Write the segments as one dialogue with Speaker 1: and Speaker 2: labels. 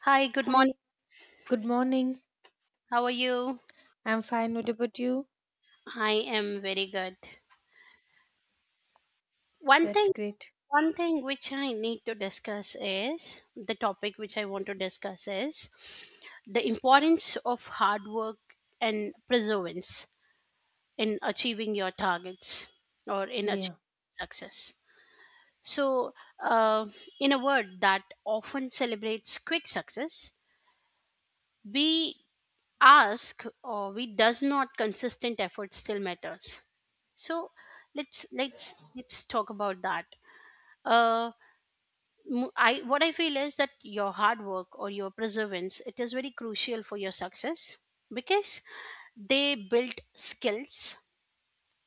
Speaker 1: Hi, good morning.
Speaker 2: Hi, good morning.
Speaker 1: How are you?
Speaker 2: I'm fine. What about you?
Speaker 1: I am very good. One
Speaker 2: That's
Speaker 1: thing
Speaker 2: great.
Speaker 1: one thing which I need to discuss is the topic which I want to discuss is the importance of hard work and perseverance in achieving your targets or in
Speaker 2: Yeah,
Speaker 1: achieving success. So, uh, in a word that often celebrates quick success, we ask or we does not consistent effort still matters, so let's talk about that. Uh mo- I What I feel is that your hard work or your perseverance, it is very crucial for your success, because they build skills,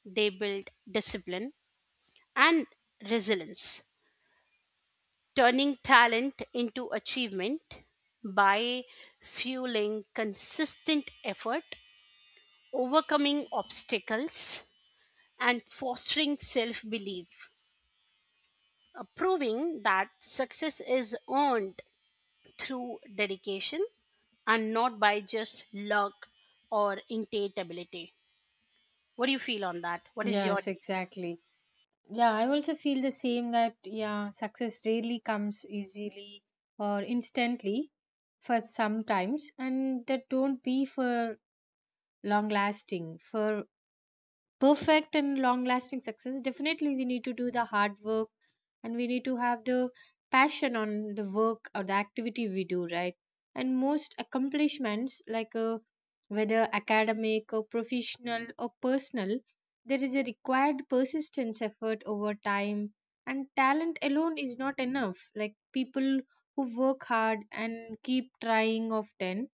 Speaker 1: they build discipline and resilience, turning talent into achievement by fueling consistent effort, overcoming obstacles, and fostering self belief, proving that success is earned through dedication and not by just luck or innate ability. What do you feel on that? What is your
Speaker 2: yes,
Speaker 1: take?
Speaker 2: exactly. Yeah, I also feel the same that, yeah, success rarely comes easily or instantly for sometimes, and that don't be for long lasting. For perfect and long lasting success definitely we need to do the hard work and we need to have the passion on the work or the activity we do, right, and most accomplishments like whether academic or professional or personal there is a required persistence effort over time, and talent alone is not enough, like people who work hard and keep trying often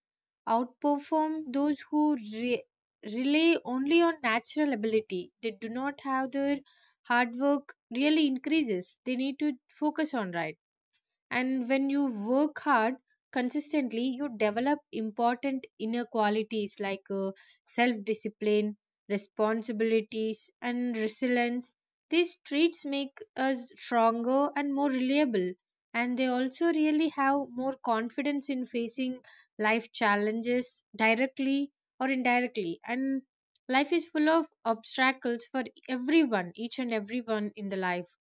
Speaker 2: outperform those who rely only on natural ability. They do not have their hard work really increases. They need to focus on right. And when you work hard consistently you develop important inner qualities like self discipline, responsibilities and resilience. These traits make us stronger and more reliable and they also really have more confidence in facing life challenges directly or indirectly. And life is full of obstacles for everyone, each and everyone in the life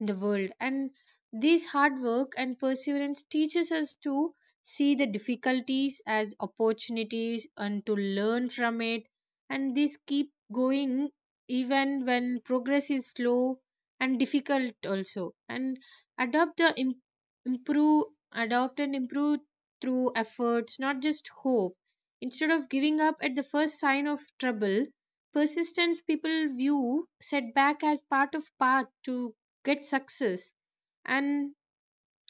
Speaker 2: in the world, and this hard work and perseverance teaches us to see the difficulties as opportunities and to learn from it, and this keep going even when progress is slow and difficult also. And adopt the im- improve, adopt and improve through efforts not just hope. Instead of giving up at the first sign of trouble, persistence people view setback as part of path to get success. And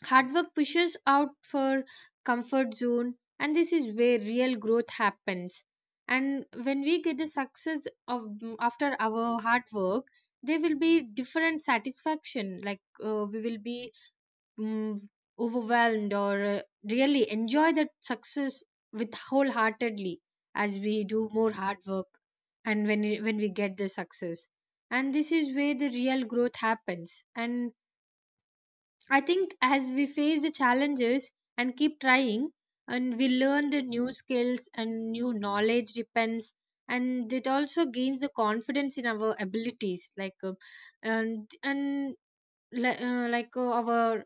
Speaker 2: hard work pushes out for comfort zone and this is where real growth happens. And when we get the success of after our hard work there will be different satisfaction like we will be mm, overwhelmed or really enjoy that success with wholeheartedly as we do more hard work. And when we get the success and this is where the real growth happens. And I think as we face the challenges and keep trying, and we learn the new skills and new knowledge depends, and it also gains the confidence in our abilities, like and and our,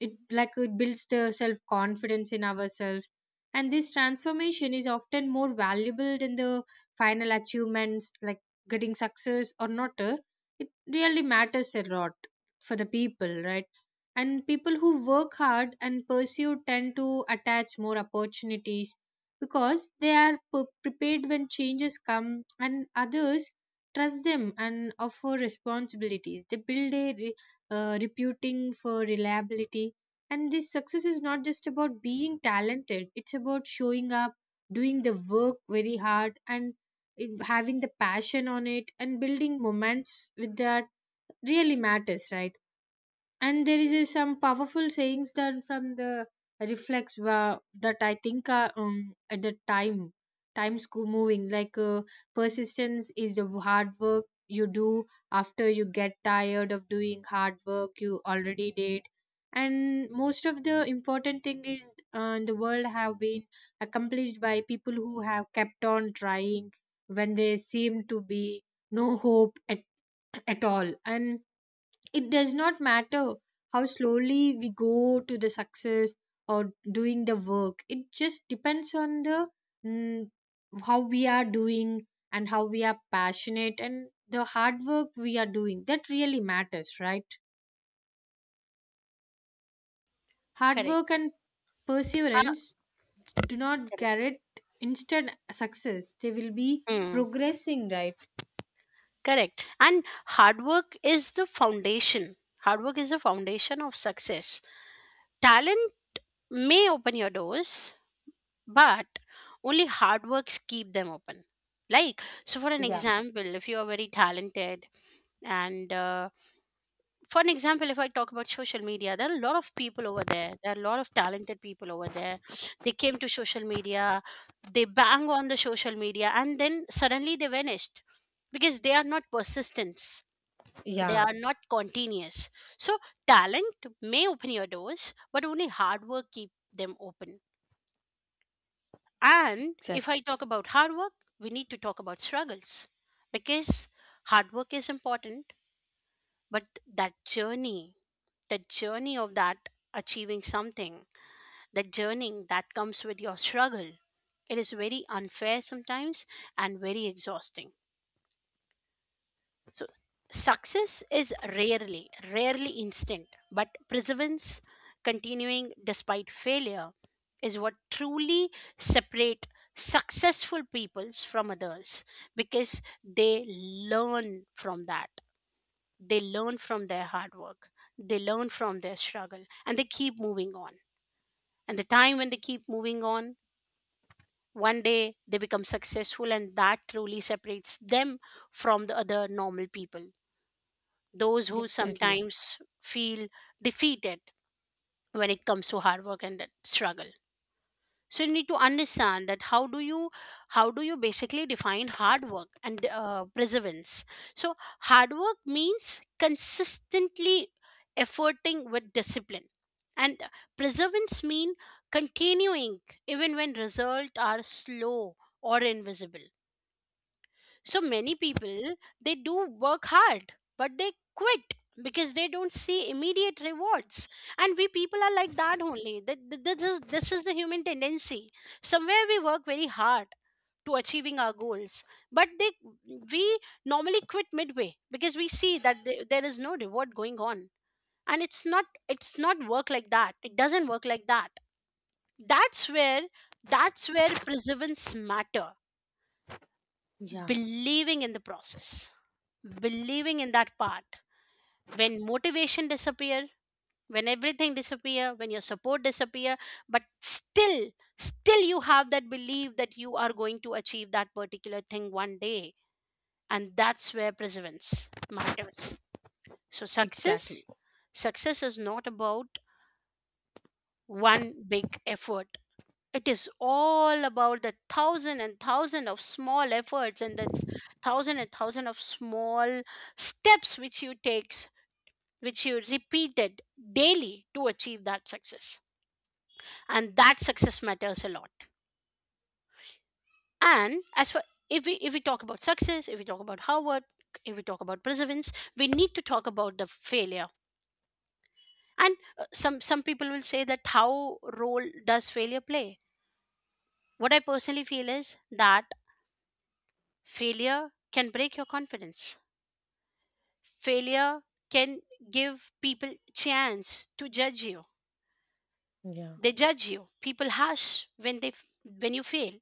Speaker 2: it it builds the self confidence in ourselves. And this transformation is often more valuable than the final achievements like getting success or not, it really matters a lot for the people, right, and people who work hard and pursue tend to attach more opportunities because they are prepared when changes come and others trust them and offer responsibilities they build a reputing for reliability. And this success is not just about being talented, it's about showing up, doing the work very hard, and having the passion on it, and building moments with that really matters, right? And there is a, some powerful sayings that from the that I think are at the time times go moving like persistence is the hard work you do after you get tired of doing hard work you already did. And most of the important thing is in the world have been accomplished by people who have kept on trying when they seem to be no hope at all. And it does not matter how slowly we go to the success or doing the work, it just depends on the mm, how we are doing and how we are passionate and the hard work we are doing that really matters, right? Hard
Speaker 1: Correct.
Speaker 2: work and
Speaker 1: Ah,
Speaker 2: perseverance do not
Speaker 1: correct.
Speaker 2: guarantee instant success, they will be
Speaker 1: Hmm.
Speaker 2: progressing, right?
Speaker 1: Correct. And hard work is the foundation. Hard work is the foundation of success. Talent may open your doors, but only hard works keep them open. Like, so for an
Speaker 2: Yeah.
Speaker 1: example, if you are very talented and for an example, if I talk about social media, there are a lot of people over there. There are a lot of talented people over there. They came to social media, they bang on the social media, and then suddenly they vanished because they are not persistence. They
Speaker 2: Yeah,
Speaker 1: are not continuous. So talent may open your doors, but only hard work keep them open. And if I
Speaker 2: exactly.
Speaker 1: talk about hard work, we need to talk about struggles, because hard work is important, but that journey of that achieving something, that journey that comes with your struggle, it is very unfair sometimes and very exhausting. So, success is rarely, rarely instant, but perseverance, continuing despite failure, is what truly separate successful peoples from others, because they learn from that, they learn from their hard work, they learn from their struggle, and they keep moving on. And the time when they keep moving on, one day they become successful, and that truly separates them from the other normal people. Those who
Speaker 2: Definitely.
Speaker 1: sometimes feel defeated when it comes to hard work and that struggle. So you need to understand that how do you basically define hard work and perseverance. So hard work means consistently efforting with discipline, and perseverance mean continuing even when results are slow or invisible. So many people, they do work hard, but they quit because they don't see immediate rewards. And we people are like that only. This is the human tendency. Somewhere we work very hard to achieving our goals, but they we normally quit midway because we see that there is no reward going on, and it's not work like that, it doesn't work like that. That's where that's where perseverance matter,
Speaker 2: Yeah,
Speaker 1: believing in the process, believing in that part, when motivation disappear, when everything disappear, when your support disappear, but still you have that belief that you are going to achieve that particular thing one day, and that's where perseverance matters. So success
Speaker 2: exactly.
Speaker 1: success is not about one big effort, it is all about the thousand and thousand of small efforts, and that's thousand and thousand of small steps which you takes, which you repeated daily to achieve that success, and that success matters a lot. And as for, if we talk about success, if we talk about howard, if we talk about perseverance, we need to talk about the failure. And some people will say that how role does failure play. What I personally feel is that failure can break your confidence. Failure can give people chance to judge you.
Speaker 2: Yeah.
Speaker 1: They judge you. People harsh when they, when you fail.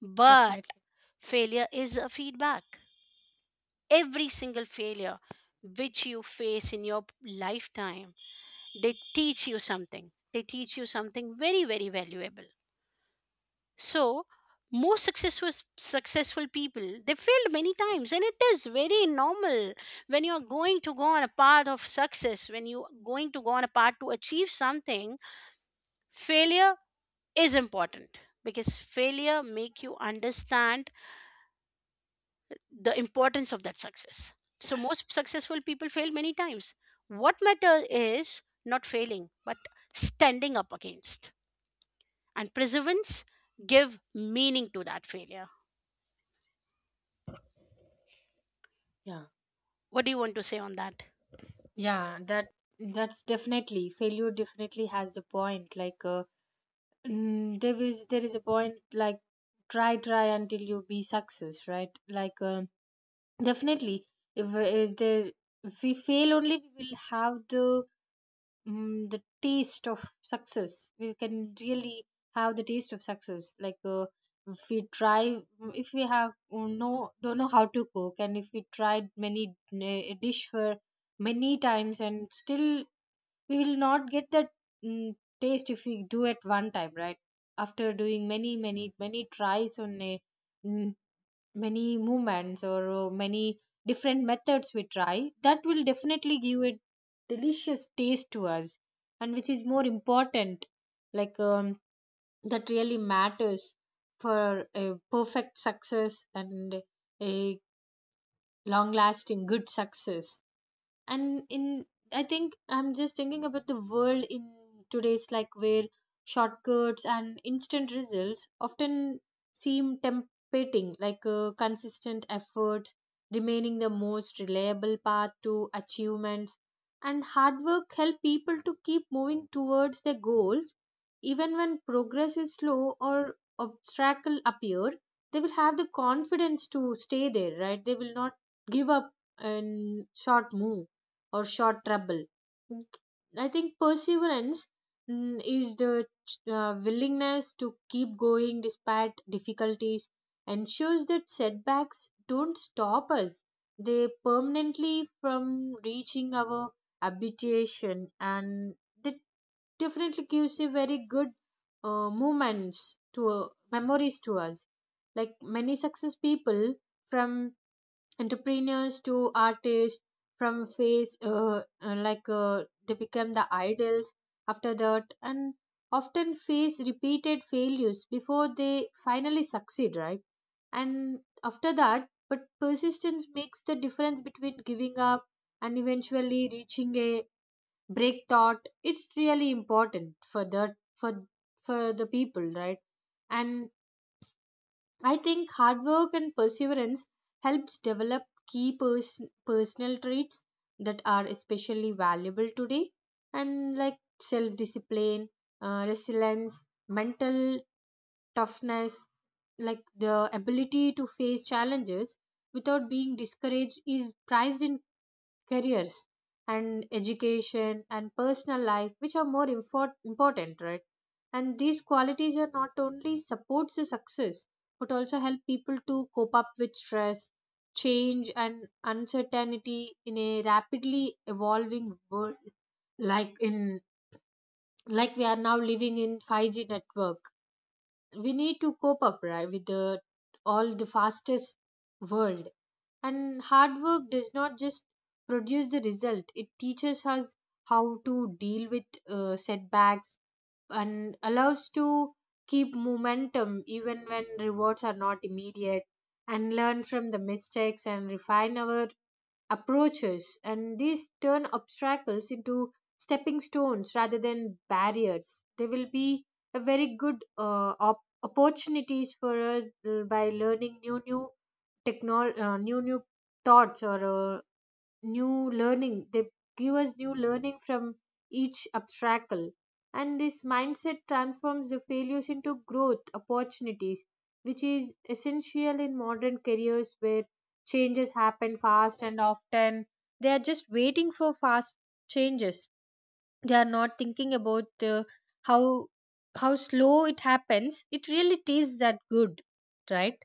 Speaker 1: But
Speaker 2: Definitely.
Speaker 1: failure is a feedback. Every single failure which you face in your lifetime, they teach you something. They teach you something very, very valuable. So most successful people, they failed many times, and it is very normal. When you are going to go on a path of success, when you are going to go on a path to achieve something, failure is important, because failure make you understand the importance of that success. So most successful people fail many times. What matter is not failing but standing up against, and perseverance give meaning to that failure.
Speaker 2: Yeah.
Speaker 1: What do you want to say on that?
Speaker 2: Yeah, that's definitely failure definitely has the point. Like there is a point like try until you be success, right? Like definitely. If there if we fail only we will have the the taste of success. We can really have the taste of success. Like if we try, if we have, no don't know how to cook and if we tried many dish for many times and still we will not get that mm, taste if we do at one time, right, after doing many many many tries on a mm, many movements or many different methods we try, that will definitely give a delicious taste to us and which is more important, like that really matters for a perfect success and a long lasting good success. And in I think I'm just thinking about the world in today's, like where shortcuts and instant results often seem tempting, like a consistent effort remaining the most reliable path to achievements, and hard work help people to keep moving towards their goals even when progress is slow or obstacle appear, they will have the confidence to stay there, right, they will not give up in short move or short trouble. I think perseverance, is the willingness to keep going despite difficulties and shows that setbacks don't stop us. They permanently from reaching our habitation, and that definitely gives a very good moments to memories to us. Like many success people from entrepreneurs to artists, from face like they become the idols after that, and often face repeated failures before they finally succeed, right, and after that but persistence makes the difference between giving up and eventually reaching a break thought, it's really important for that for the people, right. And I think hard work and perseverance helps develop key personal traits that are especially valuable today, and like self discipline, resilience, mental toughness, like the ability to face challenges without being discouraged is prized in careers and education and personal life which are more important, right. And these qualities are not only supports the success but also help people to cope up with stress, change and uncertainty in a rapidly evolving world, like in like we are now living in 5G network, we need to cope up, right, with the all the fastest world. And hard work does not just produce the result, it teaches us how to deal with setbacks and allows to keep momentum even when rewards are not immediate, and learn from the mistakes and refine our approaches, and these turn obstacles into stepping stones rather than barriers, they will be a very good opportunities for us, by learning new thoughts or new learning, they give us new learning from each obstacle. And this mindset transforms the failures into growth opportunities which is essential in modern careers where changes happen fast and often, they are just waiting for fast changes, they are not thinking about how slow it happens, it really tastes that good, right,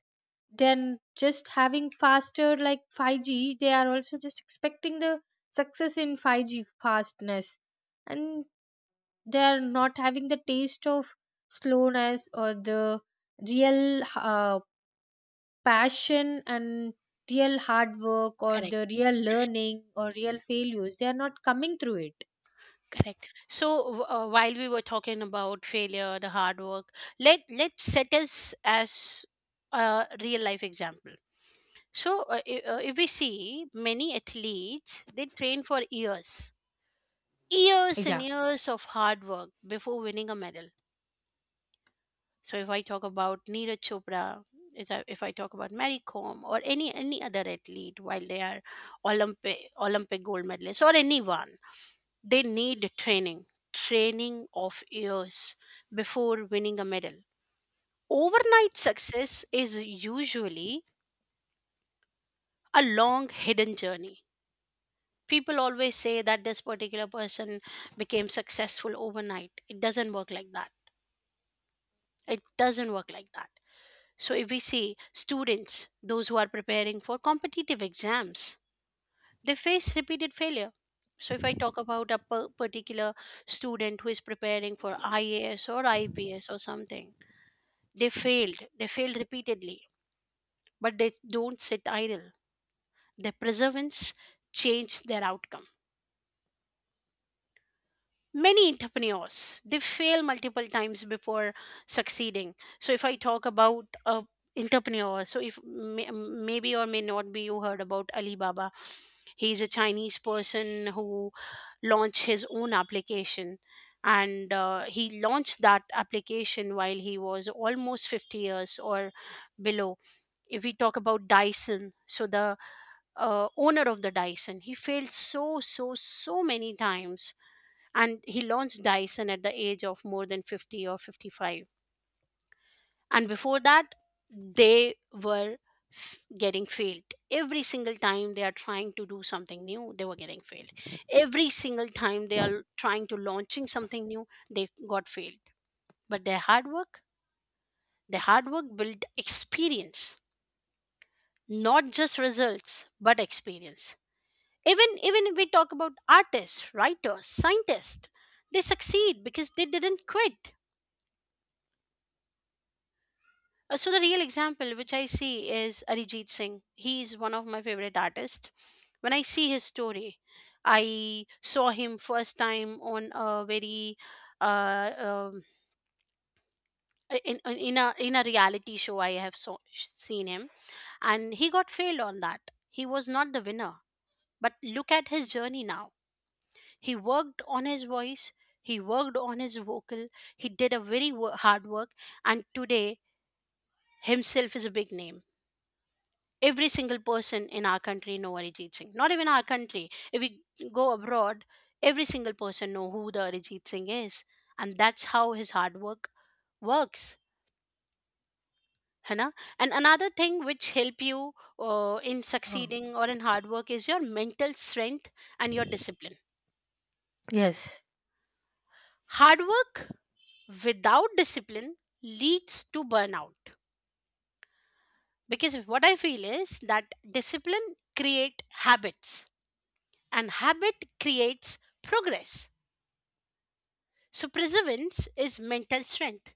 Speaker 2: then just having faster like 5G, they are also just expecting the success in 5G fastness, and they are not having the taste of slowness or the real passion and real hard work or
Speaker 1: Correct,
Speaker 2: the real learning or real failures. They are not coming through it.
Speaker 1: correct. So while we were talking about failure, the hard work, let's set us as a real life example. So if we see many athletes, they train for years, years and
Speaker 2: Yeah.
Speaker 1: years of hard work before winning a medal. So if I talk about Neeraj Chopra, if I talk about Mary Kom or any other athlete, while they are Olympic gold medalists or anyone. They need training, training of years before winning a medal. Overnight success is usually a long hidden journey. People always say that this particular person became successful overnight. It doesn't work like that. It doesn't work like that. So, if we see students, those who are preparing for competitive exams, they face repeated failure. So, if I talk about a particular student who is preparing for IAS or IPS or something, they failed. They failed repeatedly, but they don't sit idle. Their perseverance changed their outcome. Many entrepreneurs they fail multiple times before succeeding. So if I talk about a entrepreneur, so if may, maybe or may not be you heard about Alibaba, he's a Chinese person who launched his own application, and he launched that application while he was almost 50 years or below. If we talk about Dyson, so the owner of the Dyson, he failed so, so, so many times. And he launched Dyson at the age of more than 50 or 55. And before that, they were getting failed. Every single time they are trying to do something new, they were getting failed. Every single time they are trying to launching something new, they got failed. But their hard work built experience, not just results, but experience. Even if we talk about artists, writers, scientists, they succeed because they didn't quit. So the real example which I see is Arijit Singh. He is one of my favorite artists. When I see his story, I saw him first time on a very uh, um, in a reality show. I have seen him, and he got failed on that. He was not the winner, but look at his journey now. He worked on his voice, he worked on his vocal, he did a very hard work, and today himself is a big name. Every single person in our country know Arijit Singh. Not even our country. If we go abroad, every single person know who the Arijit Singh is, and that's how his hard work works. है ना? And another thing which help you in
Speaker 2: Uh,
Speaker 1: succeeding or in hard work is your mental strength and your discipline.
Speaker 2: yes,
Speaker 1: Hard work without discipline leads to burnout, because what I feel is that discipline create habits, and habit creates progress. So perseverance is mental strength,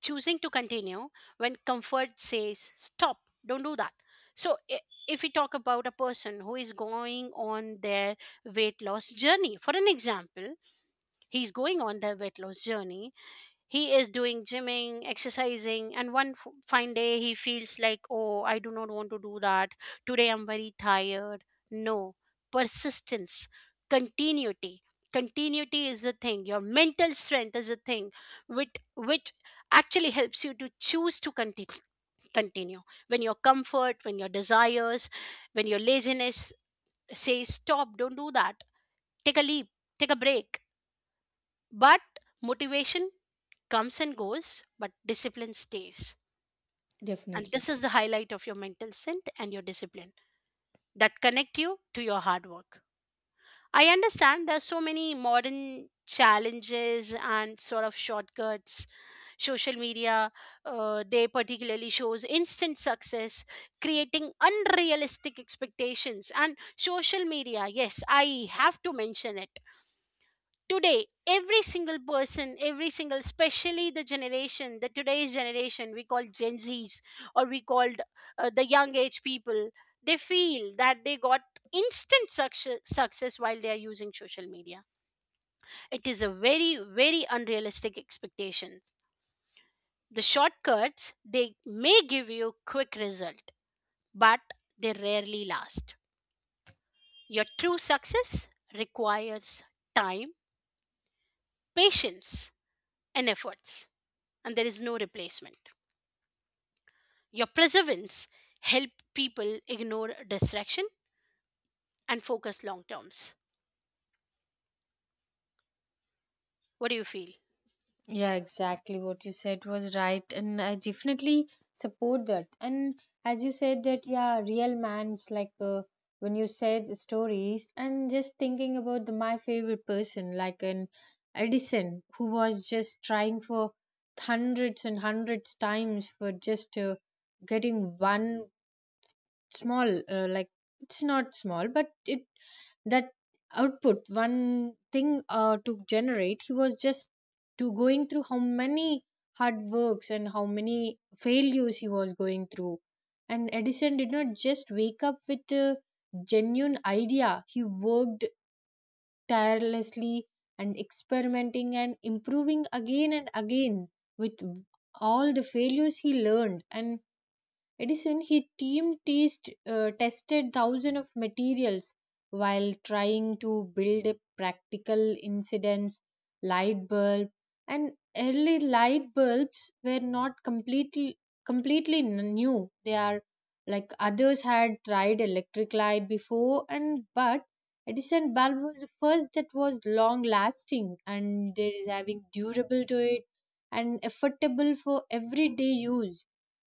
Speaker 1: choosing to continue when comfort says stop, don't do that. So if we talk about a person who is going on their weight loss journey, for an example, he's going on their weight loss journey, he is doing gymming, exercising, and one fine day he feels like, oh, I do not want to do that, today I'm very tired. No. Persistence, continuity, continuity is the thing, your mental strength is the thing, which actually helps you to choose to continue, continue when your comfort, when your desires, when your laziness says stop, don't do that, take a leap, take a break. But motivation comes and goes, but discipline stays. And
Speaker 2: definitely.
Speaker 1: this is the highlight of your mental strength and your discipline that connect you to your hard work. I understand there's so many modern challenges and sort of shortcuts. Social media, they particularly shows instant success, creating unrealistic expectations. And social media, yes, I have to mention it. Today, every single person, every single, especially the generation, the today's generation we call gen z's, or we called the young age people, they feel that they got success while they are using social media. It is a very, very unrealistic expectations. The shortcuts they may give you quick result, but they rarely last. Your true success requires time, patience, and efforts, and there is no replacement. Your perseverance help people ignore distraction and focus long terms. What do you feel?
Speaker 2: Yeah, exactly. What you said was right, and I definitely support that. And as you said that, yeah, real man's like, when you said the stories, and just thinking about the, my favorite person, like an Edison, who was just trying for hundreds and hundreds times for just getting one small, like it's not small, but it, that output one thing to generate, he was just to going through how many hard works and how many failures he was going through. And Edison did not just wake up with a genuine idea, he worked tirelessly and experimenting and improving again and again, with all the failures he learned. And Edison, he team teased, tested thousands of materials while trying to build a practical incidents light bulb. And early light bulbs were not completely new, they are like others had tried electric light before and but Edison bulb was the first that was long lasting and there is having durable to it and affordable for everyday use.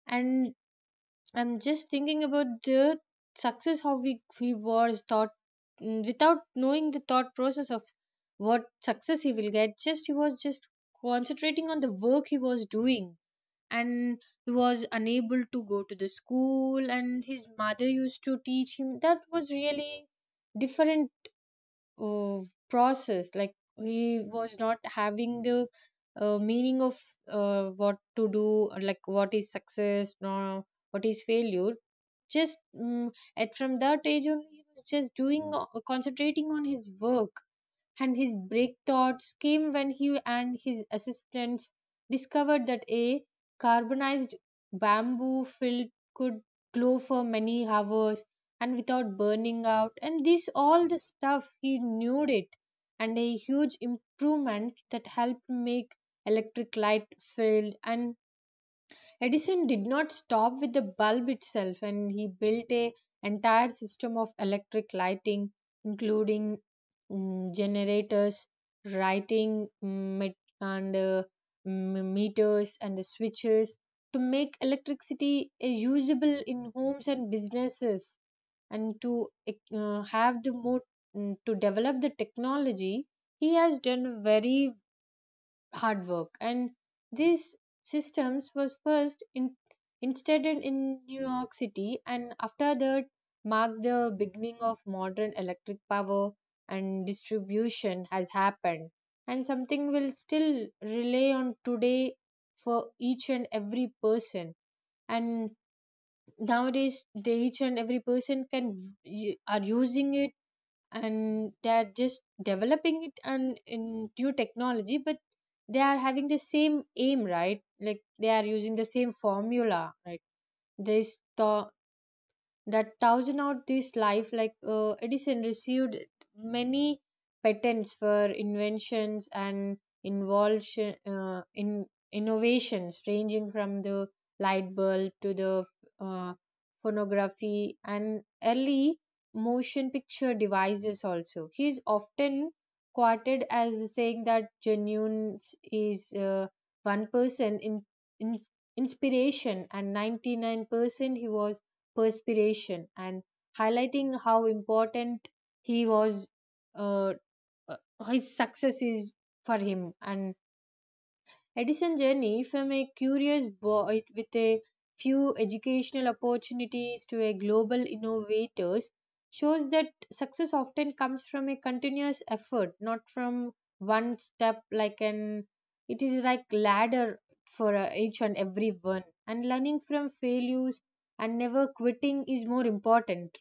Speaker 2: And I'm just thinking about the success, how we he was thought, without knowing the thought process of what success he will get. Just he was just concentrating on the work he was doing, and he was unable to go to the school and his mother used to teach him, that was really different uh, process like he was not having the meaning of what to do or like what is success, no, what is failure, just at from that age only he was just doing, concentrating on his work. And his break thoughts came when he and his assistants discovered that a carbonized bamboo filled could glow for many hours and without burning out, and this all the stuff he knew it, and a huge improvement that helped make electric light filled. And Edison did not stop with the bulb itself, and he built a entire system of electric lighting including, generators, writing, meters and the switches to make electricity usable in homes and businesses, and to have the more, to develop the technology he has done very hard work. And these systems was first instated in New York City, and after that marked the beginning of modern electric power and distribution has happened, and something will still rely on today for each and every person. And nowadays they, each and every person can are using it, and they are just developing it and in new technology, but they are having the same aim, right, like they are using the same formula, right, this thought that thousand out this life, like Edison received many patents for inventions and involution in innovations ranging from the light bulb to the uh, phonography and early motion picture devices, also he is often quoted as saying that genuine is one person in inspiration and 99% he was perspiration, and highlighting how important he was, uh, uh, his success is for him. And Edison journey from a curious boy with a few educational opportunities to a global innovators shows that success often comes from a continuous effort, not from one step, like an it is like ladder for each and every one. And learning from failures and never quitting is more important.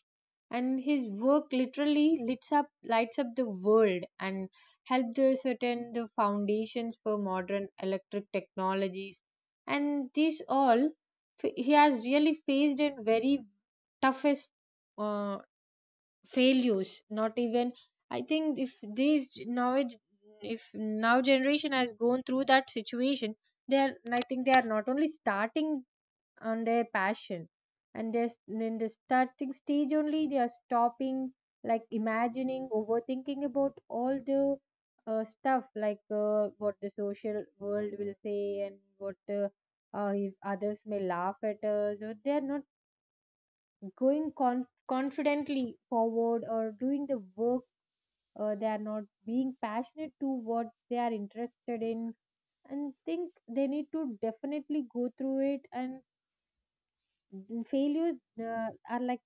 Speaker 2: And his work literally lights up the world, and helped, certain the foundations for modern electric technologies, and these all he has really faced in very toughest uh, failures, not even I think if these knowledge, if now generation has gone through that situation, they are I think they are not only starting on their passion, and they're in the starting stage only they are stopping, like imagining overthinking about all the stuff like what the social world will say, and what, if others may laugh at us, or they are not going confidently forward or doing the work, they are not being passionate to what they are interested in, and think they need to definitely go through it. And mm, failure are like,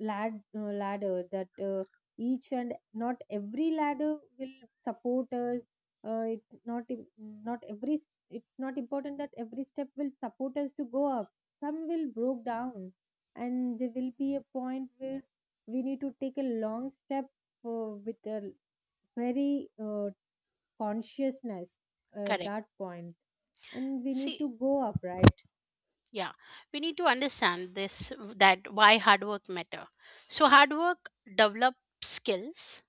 Speaker 2: ladder that, each and not every ladder will support us, it not every it's not important that every step will support us to go up, some will broke down, and there will be a point where we need to take a long step with a very, consciousness at
Speaker 1: Correct.
Speaker 2: that point, and we need
Speaker 1: See,
Speaker 2: to go up, right.
Speaker 1: yeah, we need to understand this that why hard work matter. So hard work develop skills,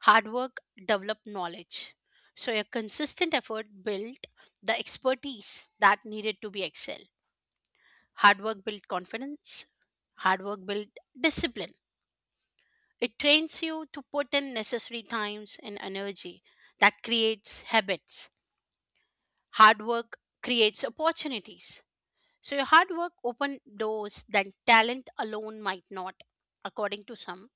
Speaker 1: hard work develop knowledge. So your consistent effort built the expertise that needed to be excel. Hard work build confidence, hard work build discipline. It trains you to put in necessary times and energy that creates habits. Hard work creates opportunities. So your hard work open doors that talent alone might not, according to some.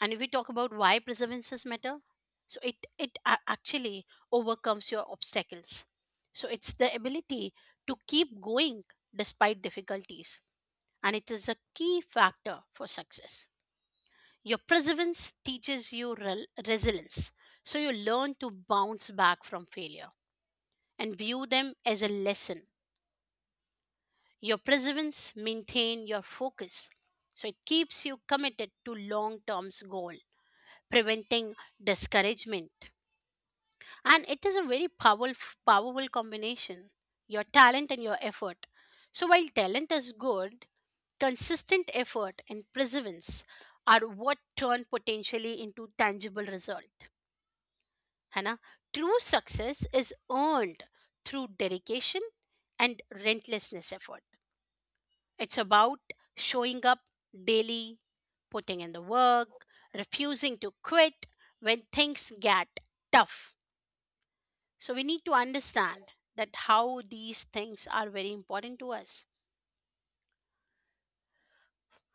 Speaker 1: And if we talk about why perseverances matter, so it actually overcomes your obstacles. So it's the ability to keep going despite difficulties, and it is a key factor for success. Your perseverance teaches you resilience. So you learn to bounce back from failure and view them as a lesson. Your perseverance maintain your focus. So it keeps you committed to long-term goal, preventing discouragement. And it is a very powerful combination, your talent and your effort. So while talent is good, consistent effort and perseverance are what turn potentially into tangible result. है ना. True success is earned through dedication and relentlessness effort. It's about showing up daily, putting in the work, refusing to quit when things get tough. So we need to understand that how these things are very important to us.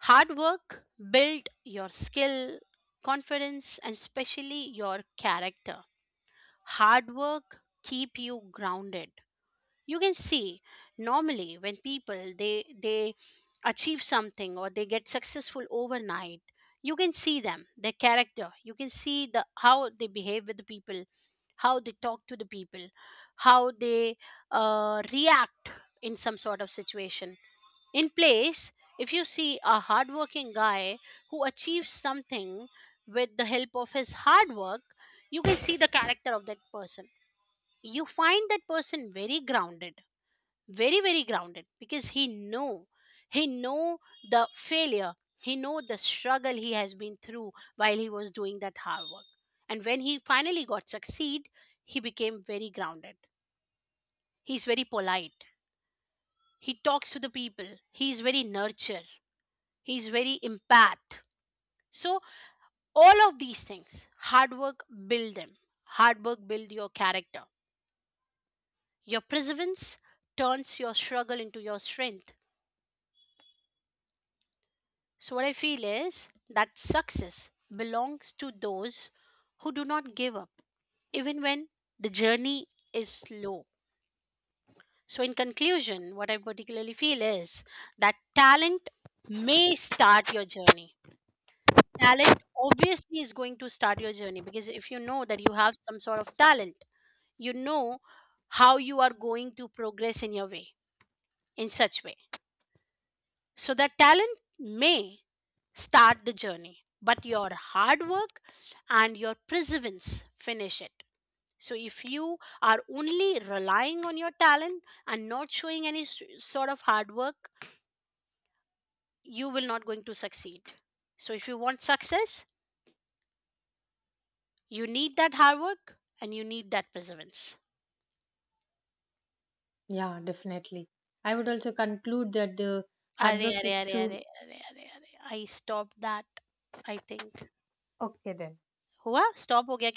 Speaker 1: Hard work build your skill, confidence, and especially your character. Hard work keep you grounded. You can see, normally, when people they achieve something or they get successful overnight, you can see them their character, you can see the how they behave with the people, how they talk to the people, how they react in some sort of situation, in place. If you see a hardworking guy who achieves something with the help of his hard work, you can see the character of that person. You find that person very grounded, very very grounded, because he know the failure, he know the struggle he has been through while he was doing that hard work, and when he finally got succeed, he became very grounded, he's very polite, he talks to the people, he's very nurture, he's very empath. So all of these things, hard work build them, hard work build your character, your perseverance turns your struggle into your strength. So, what I feel is that success belongs to those who do not give up, even when the journey is slow. So, in conclusion, what I particularly feel is that talent may start your journey. Talent obviously is going to start your journey, because if you know that you have some sort of talent, you know how you are going to progress in your way, in such way. So that talent may start the journey, but your hard work and your perseverance finish it. So if you are only relying on your talent and not showing any sort of hard work, you will not going to succeed. So if you want success, you need that hard work and you need that perseverance.
Speaker 2: Yeah, definitely. I would also conclude that the hard
Speaker 1: Arre,
Speaker 2: work
Speaker 1: arre,
Speaker 2: is
Speaker 1: arre,
Speaker 2: true.
Speaker 1: arre, arre, arre, arre. I stopped that, I think.
Speaker 2: Okay, then.
Speaker 1: हुआ? Stop हो गया क्या?